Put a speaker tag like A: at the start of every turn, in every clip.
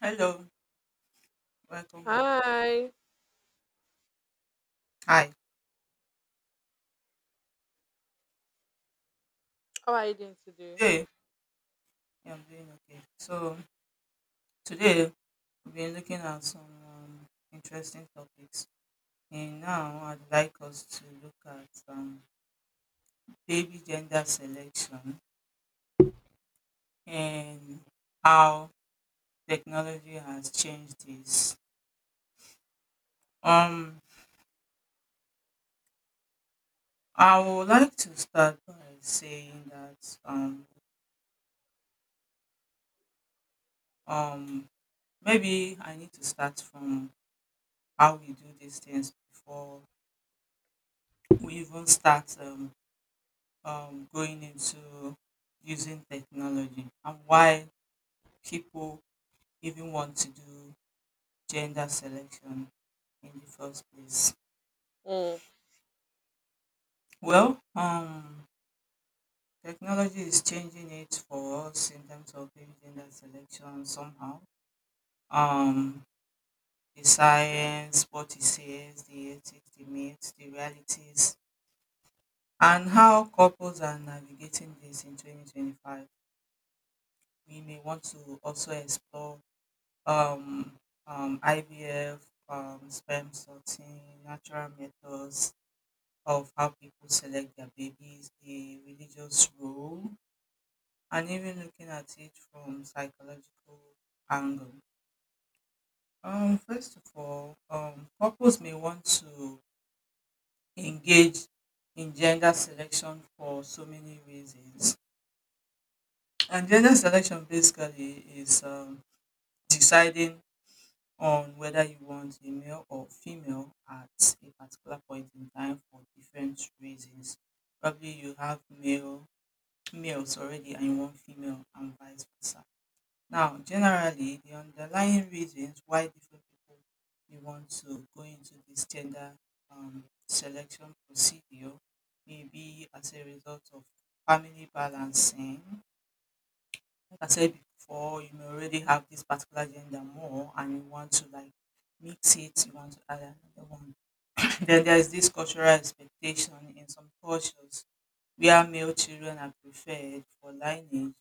A: Hello, welcome back.
B: Hi,
A: Hi.
B: how are you doing today?
A: Today, yeah, I'm doing okay. So, today we've been looking at some interesting topics. And now I'd like us to look at baby gender selection and how technology has changed this. Um, I would like to start by saying that um, maybe I need to start from how we do these things before we even start going into using technology and why people even want to do gender selection in the first place.
B: Mm.
A: Well, technology is changing it for us in terms of maybe gender selection somehow. Um, the science, what it says, the ethics, the myths, the realities, and how couples are navigating this in 2025. We may want to also explore um, IVF, sperm sorting, natural methods of how people select their babies, the religious role, and even looking at it from psychological angle. First of all, couples may want to engage in gender selection for so many reasons. And gender selection basically is deciding on whether you want a male or female at a particular point in time for different reasons. Probably you have males already and you want female and vice versa. Now, generally, the underlying reasons why different people may want to go into this gender selection procedure may be as a result of family balancing. Like I said before, you may already have this particular gender more and you want to like mix it, you want to add another one. Then there's this cultural expectation in some cultures where male children are preferred for lineage,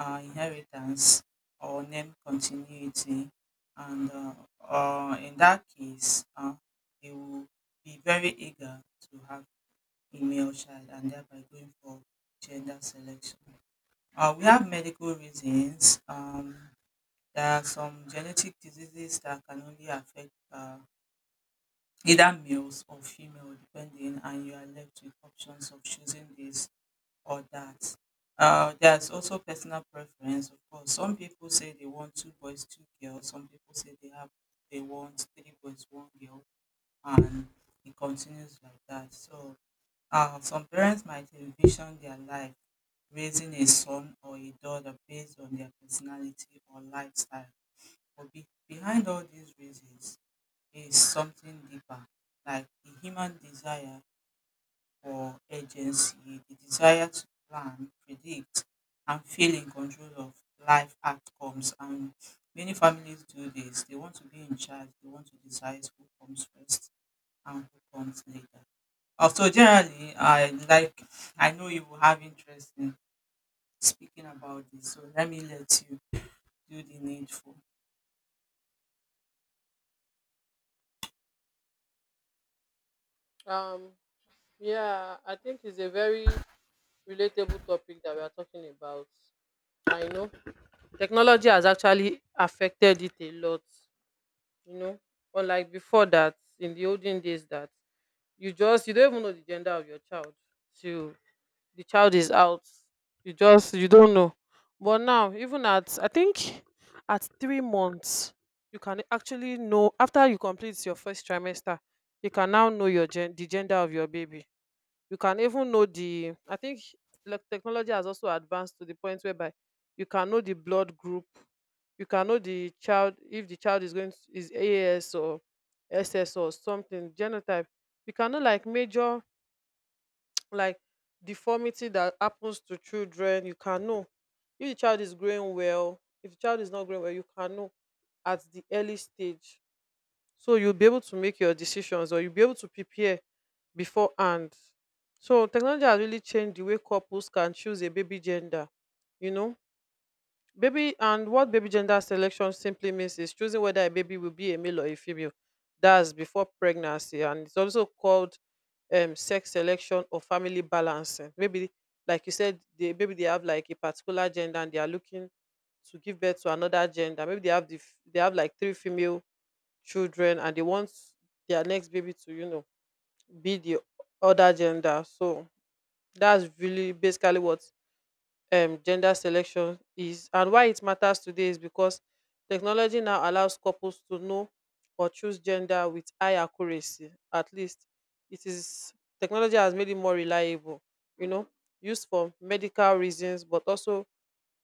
A: inheritance, or name continuity. And in that case, they will be very eager to have a male child and thereby going for gender selection. We have medical reasons. There are some genetic diseases that can only affect either males or female, depending, and you are left with options of choosing this or that. There's also personal preference, of course. Some people say they want two boys, two girls. Some people say they want three boys, one girl, and it continues like that. So, some parents might envision their life raising a son or a daughter based on their personality or lifestyle, but behind all these reasons is something deeper, like the human desire for agency, the desire to plan, predict, and feel in control of life outcomes. And many families do this. They want to be in charge, they want to decide who comes first and who comes later. Also, generally, I know you will have interest in speaking about this, so let me let you do the needful.
B: Um, yeah, I think it's a very relatable topic that we are talking about. I know technology has actually affected it a lot, you know, unlike before that in the olden days that you don't even know the gender of your child till the child is out. You just you don't know. But now, even at I think at 3 months, you can actually know. After you complete your first trimester you can now know the gender of your baby. You can even know the, I think, like, technology has also advanced to the point whereby you can know the blood group. You can know the child, if the child is going to, is A S or S S or something genotype. You can know like major, like, deformity that happens to children, you can know. If the child is growing well, if the child is not growing well, you can know at the early stage, so you'll be able to make your decisions or you'll be able to prepare beforehand. So technology has really changed the way couples can choose a baby gender, you know. Baby and what baby gender selection simply means is choosing whether a baby will be a male or a female. That's before pregnancy, and it's also called sex selection or family balancing. Maybe, like you said, they maybe they have like a particular gender and they are looking to give birth to another gender. Maybe they have they have like 3 female children and they want their next baby to, you know, be the other gender. So that's really basically what gender selection is, and why it matters today is because technology now allows couples to know or choose gender with high accuracy. At least it is, technology has made it more reliable, you know, used for medical reasons but also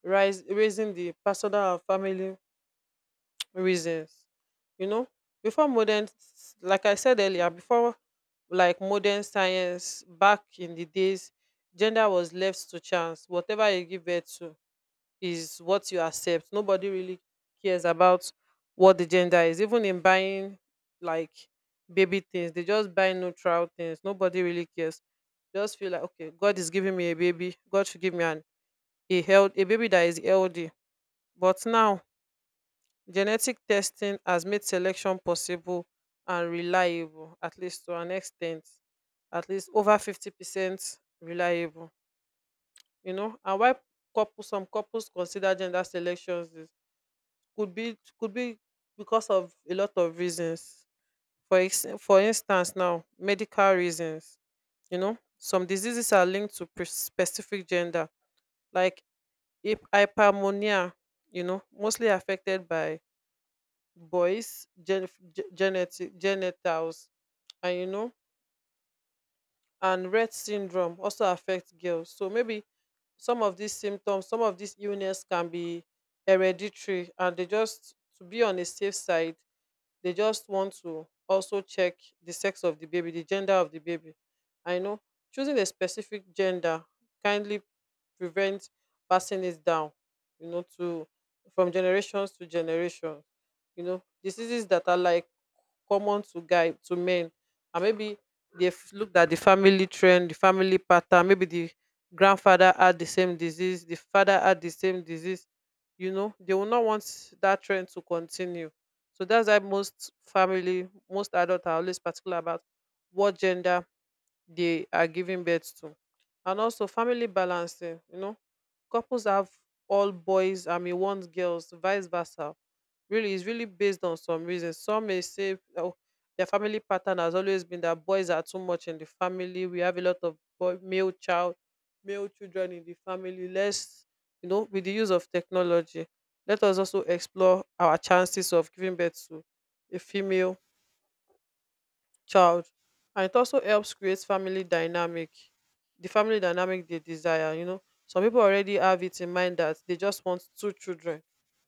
B: rise, raising the personal and family reasons, you know. Before like I said earlier, before like modern science, back in the days, gender was left to chance. Whatever you give birth to is what you accept. Nobody really cares about what the gender is. Even in buying like baby things, they just buy neutral things. Nobody really cares. Just feel like, okay, God is giving me a baby. God should give me an, a health, a baby that is healthy. But now genetic testing has made selection possible and reliable, at least to an extent, at least over 50% reliable. You know, and why couple some couples consider gender selections could be, because of a lot of reasons. For instance, now medical reasons. You know, some diseases are linked to specific gender, like hypermonia. You know, mostly affected by boys' genetic genitals, and you know, and Rett syndrome also affects girls. So maybe some of these symptoms, some of these illness can be hereditary, and they just to be on a safe side, they just want to also check the sex of the baby, the gender of the baby. I know choosing a specific gender kindly prevents passing it down, you know, to, from generations to generations. You know, diseases that are like common to guy, to men, and maybe they've looked at the family trend, the family pattern. Maybe the grandfather had the same disease, the father had the same disease, you know. They will not want that trend to continue. So that's why most family, most adults are always particular about what gender they are giving birth to. And also family balancing, you know. Couples have all boys and may want girls, vice versa. Really, it's really based on some reasons. Some may say, oh, their family pattern has always been that boys are too much in the family. We have a lot of boy, male child, male children in the family. Let's, you know, with the use of technology, let us also explore our chances of giving birth to a female child. And it also helps create family dynamic, the family dynamic they desire. You know, some people already have it in mind that they just want 2 children,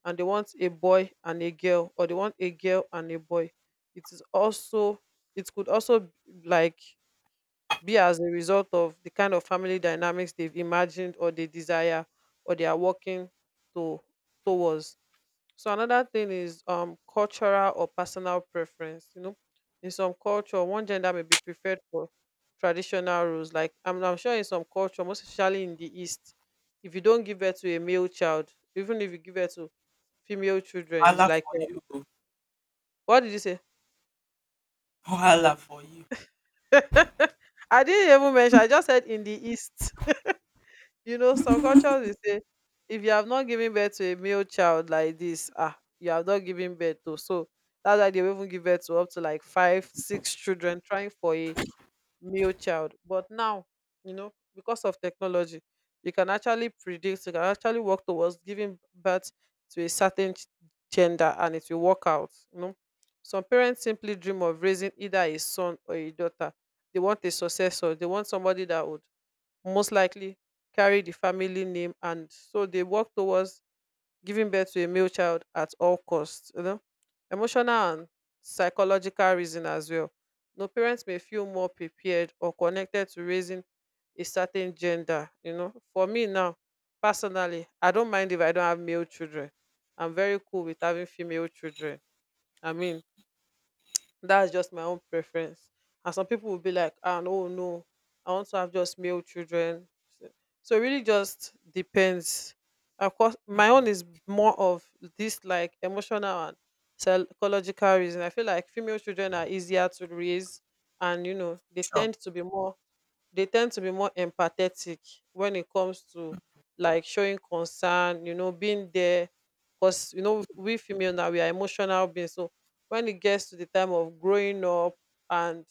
B: and they want a boy and a girl, or they want a girl and a boy. It is also, it could also b- like, be as a result of the kind of family dynamics they've imagined, or they desire, or they are working to, towards. So another thing is cultural or personal preference. You know, in some culture, one gender may be preferred for traditional roles. Like I'm sure in some culture, most especially in the East, if you don't give birth to a male child, even if you give birth to female children, it's
A: Voila
B: like
A: for you.
B: what did you say?
A: Voila for you.
B: I didn't even mention. I just said in the East. You know, some cultures will say, if you have not given birth to a male child like this, ah, you have not given birth to. So that's why they will even give birth to up to like five, six children trying for a male child. But now, you know, because of technology, you can actually predict, you can actually work towards giving birth to a certain gender, and it will work out. You know, some parents simply dream of raising either a son or a daughter. They want a successor, they want somebody that would most likely carry the family name, and so they work towards giving birth to a male child at all costs, you know. Emotional and psychological reason as well. No, parents may feel more prepared or connected to raising a certain gender. You know, for me now, personally, I don't mind if I don't have male children. I'm very cool with having female children. I mean, that's just my own preference. And some people will be like, ah, no, no, I want to have just male children. So, so it really just depends. Of course,
A: Hmm.
B: my own is more of this, like, emotional and psychological reason. I feel like female children are easier to raise, and you know they
A: Oh.
B: tend to be more, they tend to be more empathetic when it comes to like showing concern, you know, being there. Because, you know, we female now, we are emotional beings. So when it gets to the time of growing up and,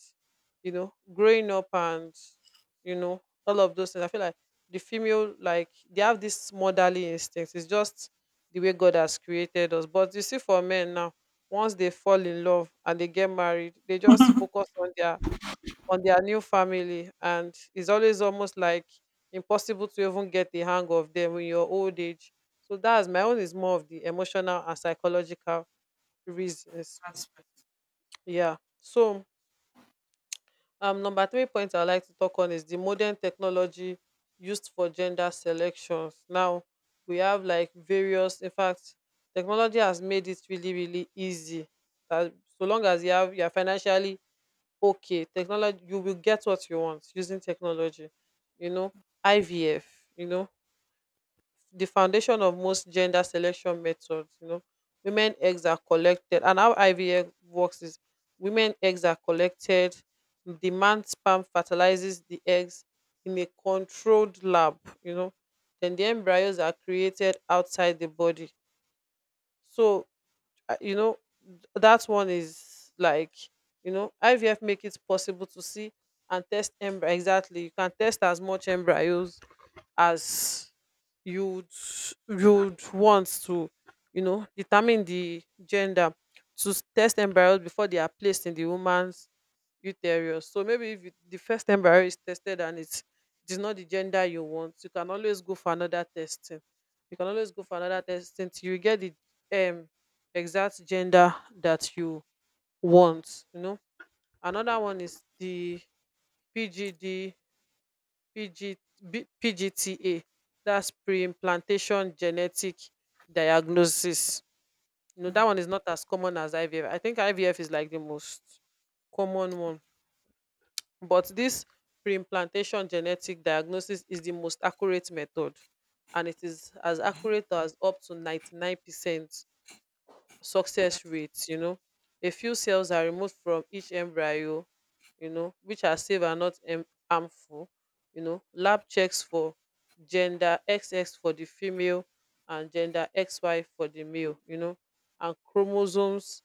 B: you know, growing up and, you know, all of those things, I feel like the female, like, they have this motherly instinct. It's just the way God has created us. But you see, for men now, once they fall in love and they get married, they just focus on their, on their new family, and it's always almost like impossible to even get the hang of them in your old age. So that's, my own is more of the emotional and psychological reasons.
A: Aspect.
B: Yeah, so number three point I'd like to talk on is the modern technology used for gender selections. Now we have like various, in fact, technology has made it really really easy that, so long as you have, you are financially okay, technology, you will get what you want using technology, you know. IVF, you know, the foundation of most gender selection methods. You know, women eggs are collected, and how IVF works is women eggs are collected, the man sperm fertilizes the eggs in a controlled lab, you know. Then the embryos are created outside the body. So you know, that one is like, you know, IVF make it possible to see and test embryo exactly. You can test as much embryos as you'd you'd want to, you know, determine the gender to test embryos before they are placed in the woman's uterus. So maybe if you, the first embryo is tested and it is not the gender you want, you can always go for another testing. You can always go for another testing till you get the um exact gender that you want. You know, another one is the PGD, PG, PGTA. That's pre-implantation genetic diagnosis. You know,
A: Mm,
B: that one is not as common as IVF. I think IVF is like the most common one. But this preimplantation genetic diagnosis is the most accurate method, and it is as accurate as up to 99% success
A: true.
B: rate, you know. A few cells are removed from each embryo, you know, which are safe and not em- harmful, you know. Lab checks for gender XX for the female and gender XY for the male, you know, and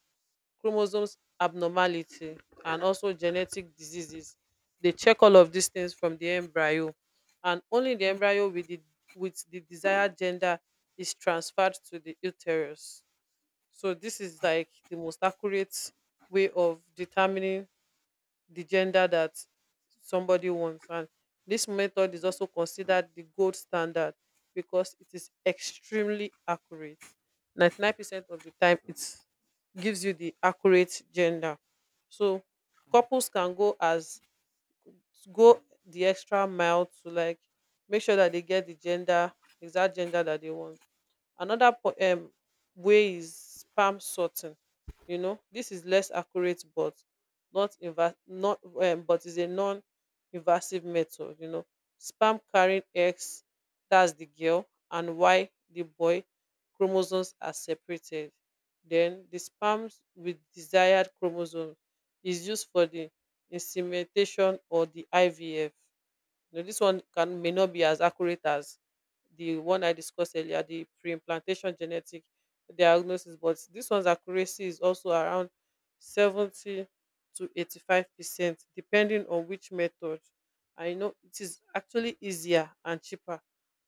B: chromosomes abnormality, and also genetic diseases. They check all of these things from the embryo, and only the embryo with the, with the desired gender is transferred to the uterus. So this is like the most accurate way of determining the gender that somebody wants. And this method is also considered the gold standard because it is extremely accurate. 99% of the time, it gives you the accurate gender. So couples can go as to go the extra mile to, like, make sure that they get the gender, exact gender that they want. Another way is spam sorting. This is less accurate, but not invas not but is a non invasive method, spam carrying X, that's the girl, and Y, the boy chromosomes are separated. Then the sperms with desired chromosome is used for the insemination or di IVF. You know, this one can may not be as accurate as the one I discussed earlier, the pre-implantation genetic diagnosis, but this one's accuracy is also around 70 to 85%, depending on which method. I know it is actually easier and cheaper,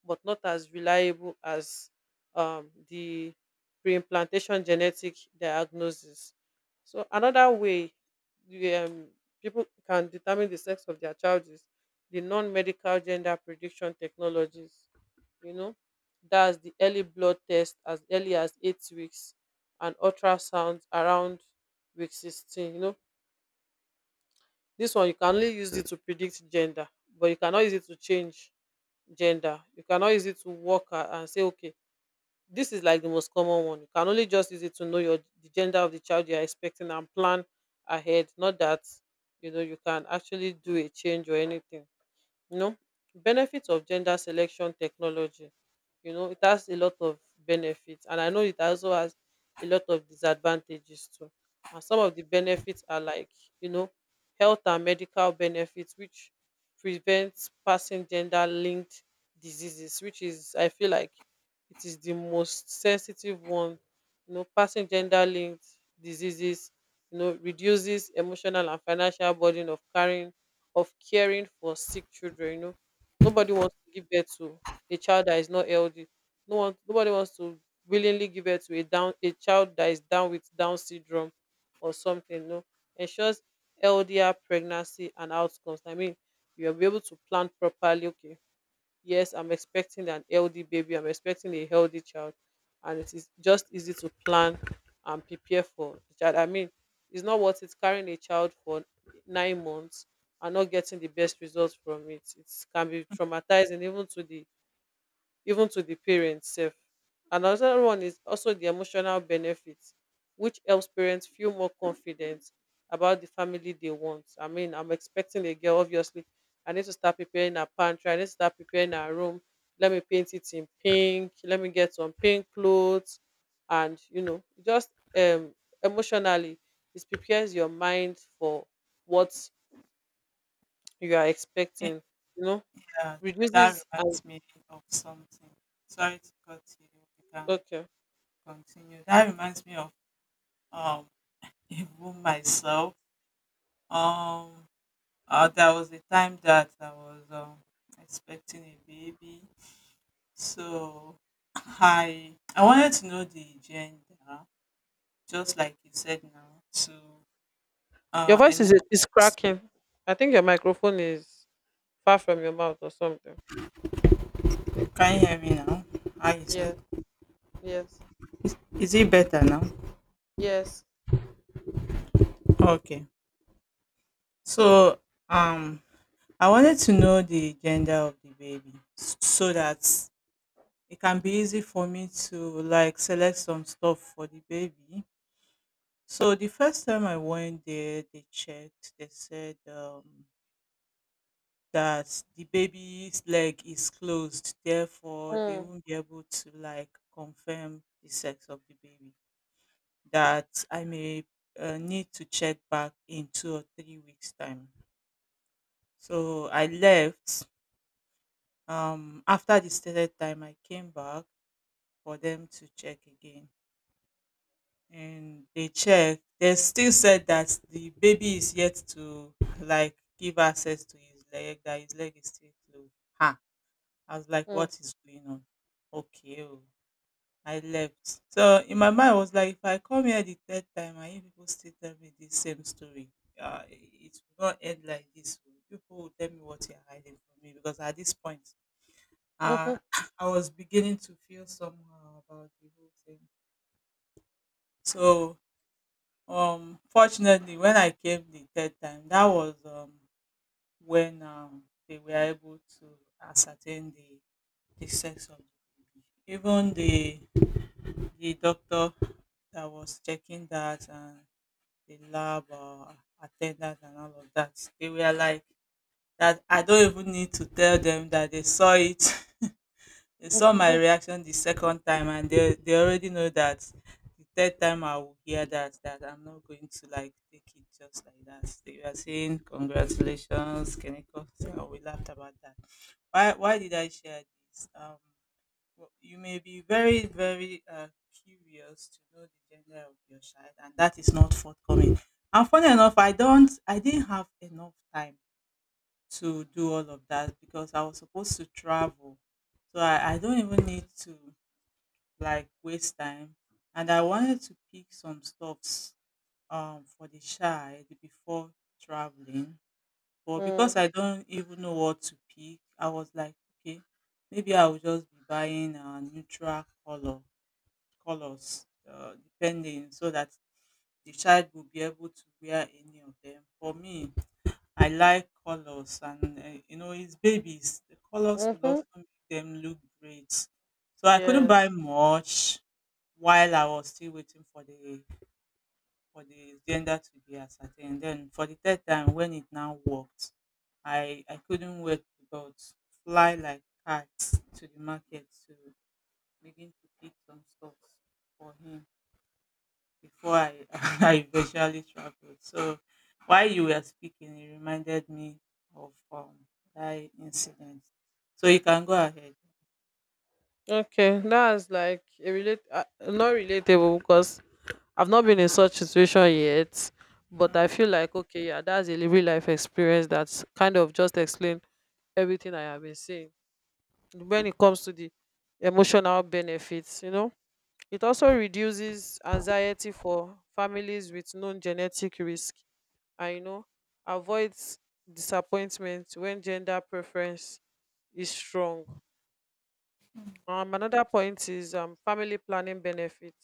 B: but not as reliable as the pre-implantation genetic diagnosis. So another way the, people can determine the sex of their child is the non-medical gender prediction technologies. you know that's the early blood test as early as 8 weeks, and ultrasound around week 16. This one, you can only use it to predict gender, but you cannot use it to change gender. You cannot use it to work a- and say, okay, this is like the most common one. You can only just use it to know your the gender of the child you are expecting and plan ahead, not that, you can actually do a change or anything. you know Benefits of gender selection technology. It has a lot of benefits, and I know it also has a lot of disadvantages too. And some of the benefits are like, you know health and medical benefits, which prevents passing gender linked diseases, which is, I feel like it is the most sensitive one. You know, passing gender linked diseases. You know, reduces emotional and financial burden of carrying of caring for sick children. You know, nobody wants to give birth to a child that is not healthy. No one, Nobody wants to willingly give birth to a down a child that is down with Down syndrome or something. You know, ensures healthier pregnancy and outcomes. I mean, you'll be able to plan properly. Okay, yes, I'm expecting an healthy baby, I'm expecting a healthy child, and it is just easy to plan and prepare for the child. I mean, it's not worth it carrying a child for 9 months and not getting the best results from it. It can be traumatizing even to the parents sef. And another one is also the emotional benefit, which helps parents feel more confident about the family they want. I mean, I'm expecting a girl, obviously. I need to start preparing her pantry. I need to start preparing her room. Let me paint it in pink. Let me get some pink clothes. And, you know, just um, emotionally, it prepares your mind for what you are
A: It-
B: expecting, you know,
A: Yeah, that
B: reduces. And,
A: reminds me of something. Sorry to cut you. You can
B: okay.
A: continue. That reminds me of um even myself. Um, there was a time that I was expecting a baby, so I wanted to know the gender, just like you said now. To
B: Your voice
A: and now
B: is is cracking. I think your microphone is far from your mouth or something.
A: Can you hear me now? How is it?
B: Yes, yes,
A: Is it better now?
B: yes.
A: Okay. So um I wanted to know the gender of the baby so that it can be easy for me to like select some stuff for the baby. So the first time I went there, they checked. They said that the baby's leg is closed, therefore they
B: Mm,
A: won't be able to like confirm the sex of the baby. That I may need to check back in 2 or 3 weeks time. So I left. After the stated time, I came back for them to check again. And they checked. They still said that the baby is yet to like give access to his leg, that his leg is still closed. Ha! I was like,
B: mm,
A: what is going on? Okay. Oh. I left. So in my mind, I was like, if I come here the third time and you people still tell me the same story, it will not end like this. Oh. You people will tell me what you're hiding from me because at this point,
B: mhm,
A: uh, I was beginning to feel somehow about the whole thing. So, fortunately, when I came the third time, that was when they were able to ascertain the sex of the baby. Even the doctor that was checking that and the lab attendant and all of that, they were like that. I don't even need to tell them that they saw it. They saw my
B: mhm,
A: reaction the second time and they already know that the third time I will hear that I'm not going to like take it just like that. They were saying congratulations, Keneko. So we laughed about that. Why did I share this? Well, you may be very, very curious to know the gender of your child and that is not forthcoming. And funny enough, I didn't have enough time to do all of that because I was supposed to travel. So I don't even need to like waste time. And I wanted to pick some stuffs for the child before traveling. But
B: mm,
A: because I don't even know what to pick, I was like, okay, maybe I will just be buying a neutral color colors, depending so that the child will be able to wear any of them. For me, I like colors, and you know, it's babies. The colors will
B: mhm.
A: also make them look great. So I couldn't buy
B: Yes.
A: much while I was still waiting for the gender to be ascertained. Then for the third time, when it now worked, I couldn't wait but fly like cats to the market to begin to pick some stuff for him before I eventually traveled. So while you were speaking, it reminded me of that incident. So you can go ahead.
B: Okay, that's like a relate, not relatable, because I've not been in such situation yet. But I
A: Hmm,
B: feel like, okay, yeah, that's a real life experience that's kind of just explain everything I have been saying when it comes to the emotional benefits. You know. It also reduces anxiety for families with known genetic risk, and, you know, avoids disappointment when gender preference is strong. Another point is family planning benefit.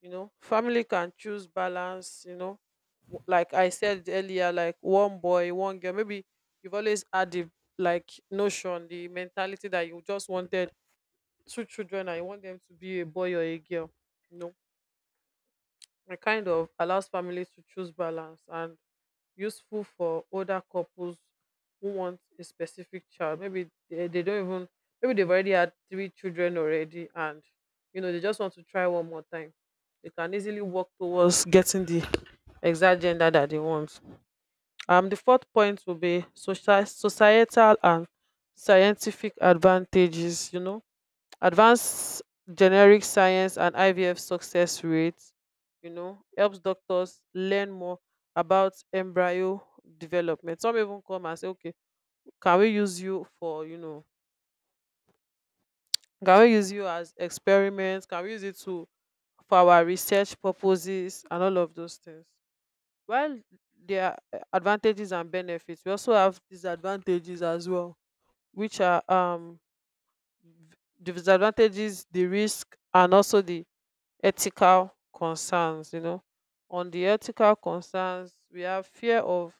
B: You know, family can choose balance. You know, like I said earlier, like one boy, one girl. Maybe you've always had the like notion, the mentality that you just wanted two children and you want them to be a boy or a girl. You know, it kind of allows families to choose balance, and useful for older couples who want a specific child. Maybe they don't even, maybe they've already had 3 children already, and, you know, they just want to try one more time. They can easily work towards getting the exact gender that they want. The fourth point will be social, societal and scientific advantages. You know, advanced generic science and IVF success rates, you know, helps doctors learn more about embryo development. Some even come and say, okay, can we use you for, can we use you as experiments, can we use it to for our research purposes and all of those things. While there are advantages and benefits, we also have disadvantages as well, which are v- disadvantages, the risk and also the ethical concerns. You know, on the ethical concerns, we have fear of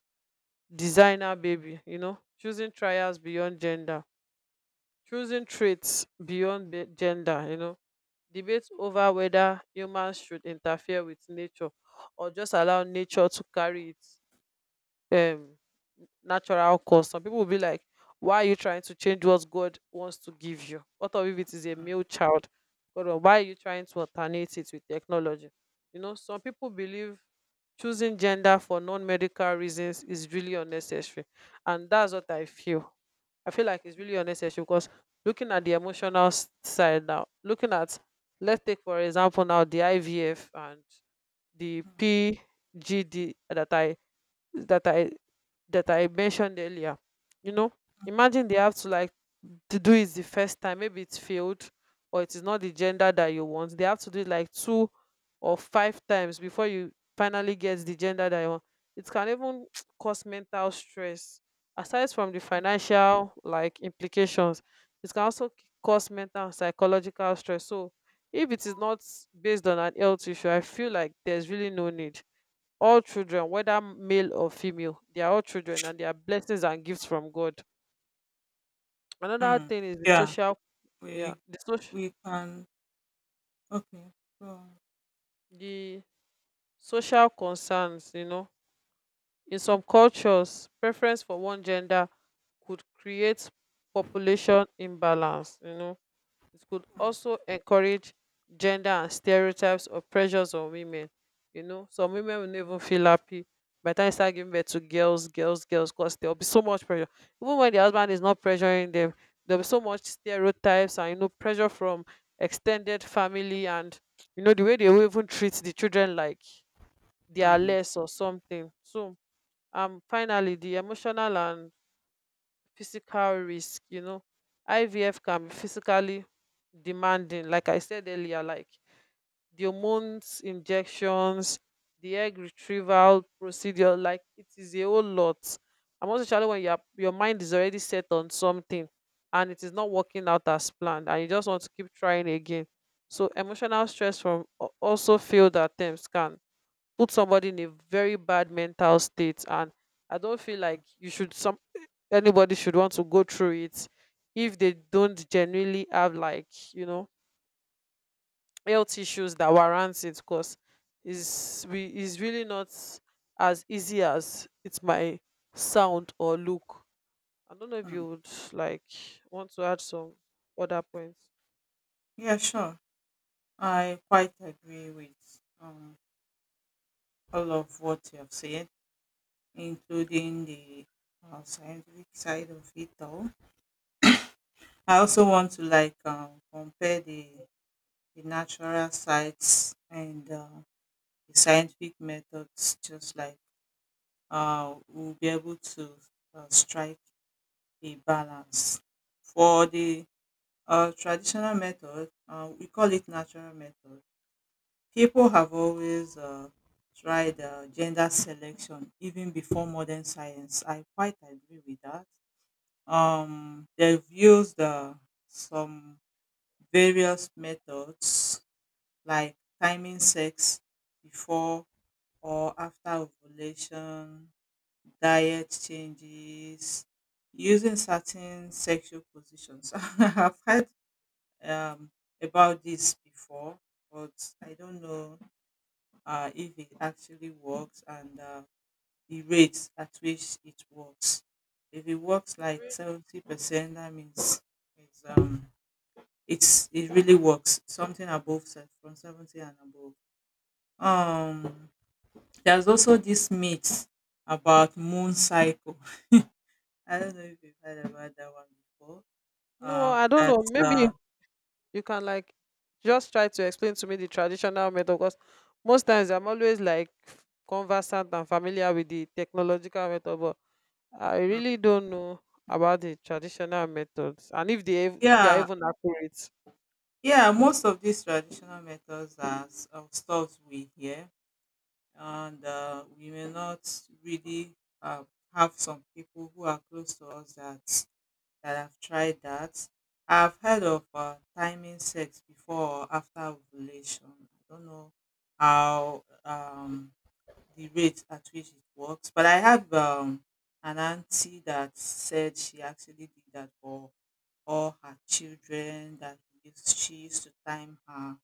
B: designer baby. You know, choosing trials beyond gender, choosing gender. You know, debates over whether humans should interfere with nature or just allow nature to carry its um natural cause. Some people will be like, why are you trying to change what God wants to give you? What of if it is a male child? God, why are you trying to alternate it with technology? You know, some people believe choosing gender for non-medical reasons is really unnecessary. And that's what I feel. I feel like it's really unnecessary because looking at the emotional side now, looking at, let's take for example now the IVF and the
A: hmm.
B: PGD that I that I mentioned earlier. You know, imagine they have to like to do it the first time. Maybe it's failed or it is not the gender that you want. They have to do it like two or five times before you finally get the gender that you want. It can even cause mental stress. Aside from the financial like implications, it can also cause mental and psychological stress. So if it is not based on an health issue, I feel like there's really no need. All children, whether male or female, they are all children, and they are blessings and gifts from God. Another
A: Hmm.
B: thing is the
A: Yeah,
B: social. Yeah,
A: we
B: the social,
A: we can. Okay. So
B: the social concerns. You know, in some cultures, preference for one gender could create population imbalance. You know, it could
A: hmm,
B: also encourage gender and stereotypes or pressures on women. You know, some women will not even feel happy by the time they start giving birth to girls, girls, girls, because there'll be so much pressure. Even when the husband is not pressuring them, there'll be so much stereotypes and, you know, pressure from extended family, and you know the way they will even treat the children like they are
A: hmm,
B: less or something. So finally, the emotional and physical risk, you know. IVF can be physically demanding, like I said earlier, like the hormones, injections, the egg retrieval procedure, like it is a whole lot. And most especially when your mind is already set on something and it is not working out as planned, and you just want to keep trying again. So emotional stress from also failed attempts can put somebody in a very bad mental state, and I don't feel like you should some anybody should want to go through it if they don't genuinely have, like, you know, health issues that warrants it, because is really not as easy as it might sound or look. I don't know if
A: hmm.
B: you would like want to add some other points.
A: Yeah, sure. I quite agree with um, all of what you have said, including the scientific side of it all. I also want to like compare the natural sites and the scientific methods, just like we'll be able to strike a balance. For the traditional method, we call it natural method. People have always tried gender selection even before modern science. I quite agree with that. They've used some various methods like timing sex before or after ovulation, diet changes, using certain sexual positions. I've heard um, about this before, but I don't know if it actually works and the rates at which it works. If it works like
B: Really?
A: 70%, that means it's, um, it really works, something above, from 70 and above. Um, There's also this myth about moon cycle. I don't know if you've heard about that one before.
B: No, I don't
A: That
B: know. Maybe
A: uh,
B: you can like just try to explain to me the traditional method, because most times I'm always like conversant and familiar with the technological method, but I really don't know about the traditional methods, and if they if they are
A: yeah,
B: even accurate.
A: yeah, most of these traditional methods are stuff we hear, and we may not really uh, have some people who are close to us that have tried that. I've heard of timing sex before or after ovulation. I don't know how the rate at which it works. But I have an auntie that said she actually did that for all her children, that she used to time her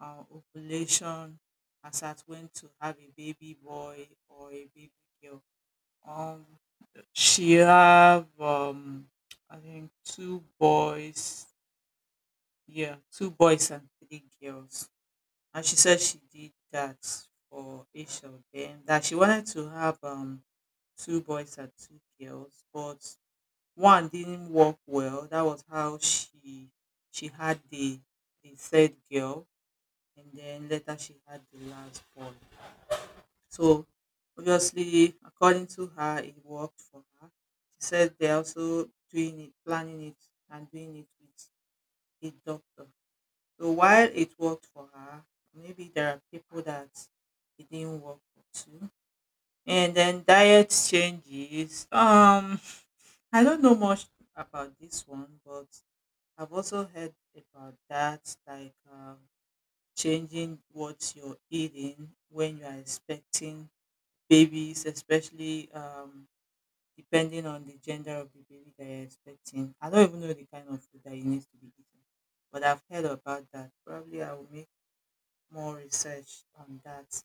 A: ovulation as at when to have a baby boy or a baby girl. Um, she have I think two boys, yeah, two boys and three girls. And she said she did that for each of them. That she wanted to have two boys and two girls, but one didn't work well. That was how she had the third girl, and then later she had the last boy. So obviously, according to her, it worked for her. She said they're also doing it, planning it, and doing it with the doctor. So while it worked for her, maybe there are people that it didn't work for too. And then diet changes. I don't know much about this one, but I've also heard about that, like changing what you're eating when you are expecting babies, especially depending on the gender of the baby that you're expecting. I don't even know the kind of food that you need to be eating, but I've heard about that. Probably I will make more research on that.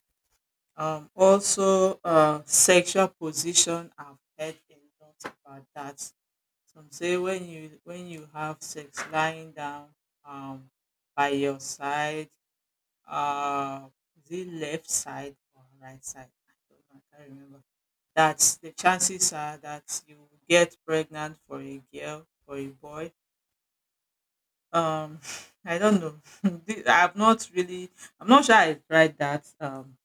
A: Also, sexual position, I've heard a lot about that. Some say when you have sex lying down um by your side, uh is it left side or right side? I don't know, I can't remember. That's the chances are that you will get pregnant for a girl for a boy. Um I don't know. The- I've not really I'm not sure I tried that um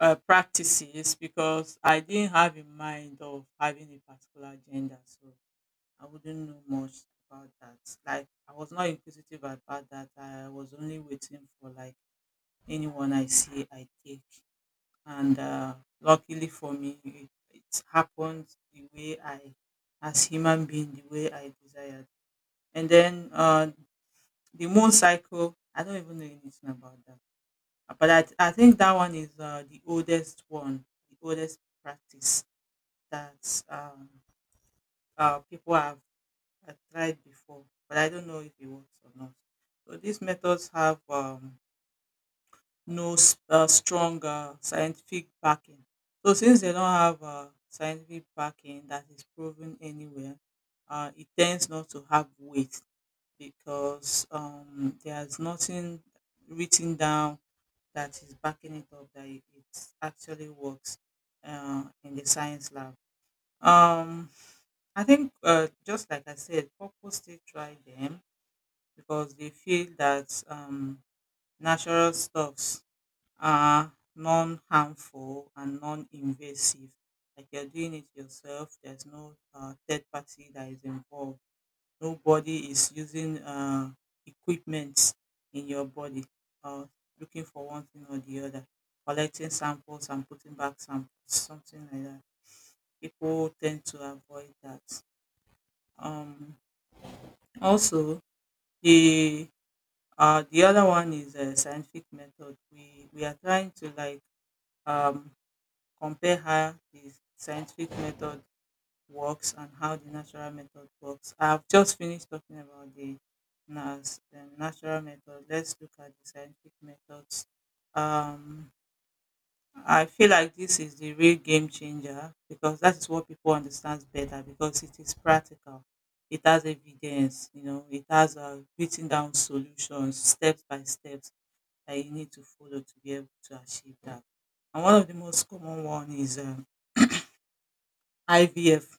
A: uh, practices because I didn't have in mind of having a particular gender. So I wouldn't know much about that. Like I was not inquisitive about that. I was only waiting for like anyone I see I take. And luckily for me, it happened the way as human being, the way I desired. And then The moon cycle, I don't even know anything about that. But I think that one is the oldest one, the oldest practice that um, people have I tried before, but I don't know if it works or not. So these methods have no strong scientific backing. So since they don't have scientific backing that is proven anywhere, it tends not to have weight because there's nothing written down that is backing it up that it actually works in the science lab. Um, I think just like I said, purpose still try them because they feel that natural stuffs are non-harmful and non-invasive. Like you're doing it yourself. There's no third party that is involved. Nobody is using equipment in your body or looking for one thing or the other. Collecting samples and putting back samples, something like that. People tend to avoid that. Um, also, the the other one is a scientific method. We are trying to like um, compare how the scientific method works and how the natural method works. I've just finished talking about the the natural method. Let's look at the scientific methods. Um, I feel like this is the real game changer because that is what people understand better because it is practical. It has evidence, you know. It has a written down solutions, steps by steps that you need to follow to be able to achieve that. And one of the most common one is IVF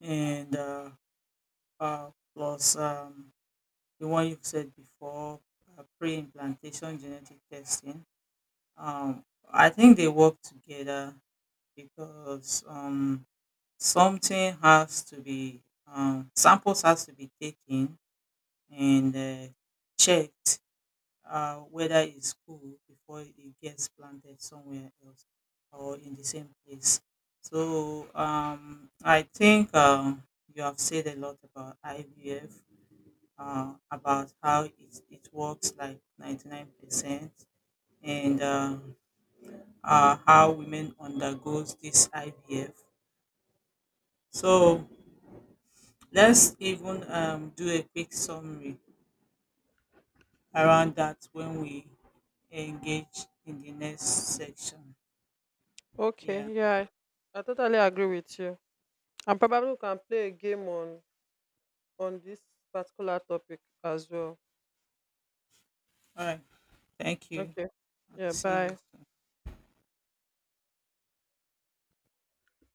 A: and uh, plus the one you've said before, pre-implantation genetic testing. Um, I think they work together because something has to be samples has to be taken and checked whether it's cool before it gets planted somewhere else or in the same place. So I think you have said a lot about IVF, about how it works like 99% and how women undergoes this IVF. So let's even do a quick summary around that when we engage in the next section. Yeah.
B: Okay, yeah, I totally agree with you. And probably we can play a game on this particular topic as well.
A: All right. Thank you.
B: Okay.
A: And
B: Yeah,
A: see you.
B: bye.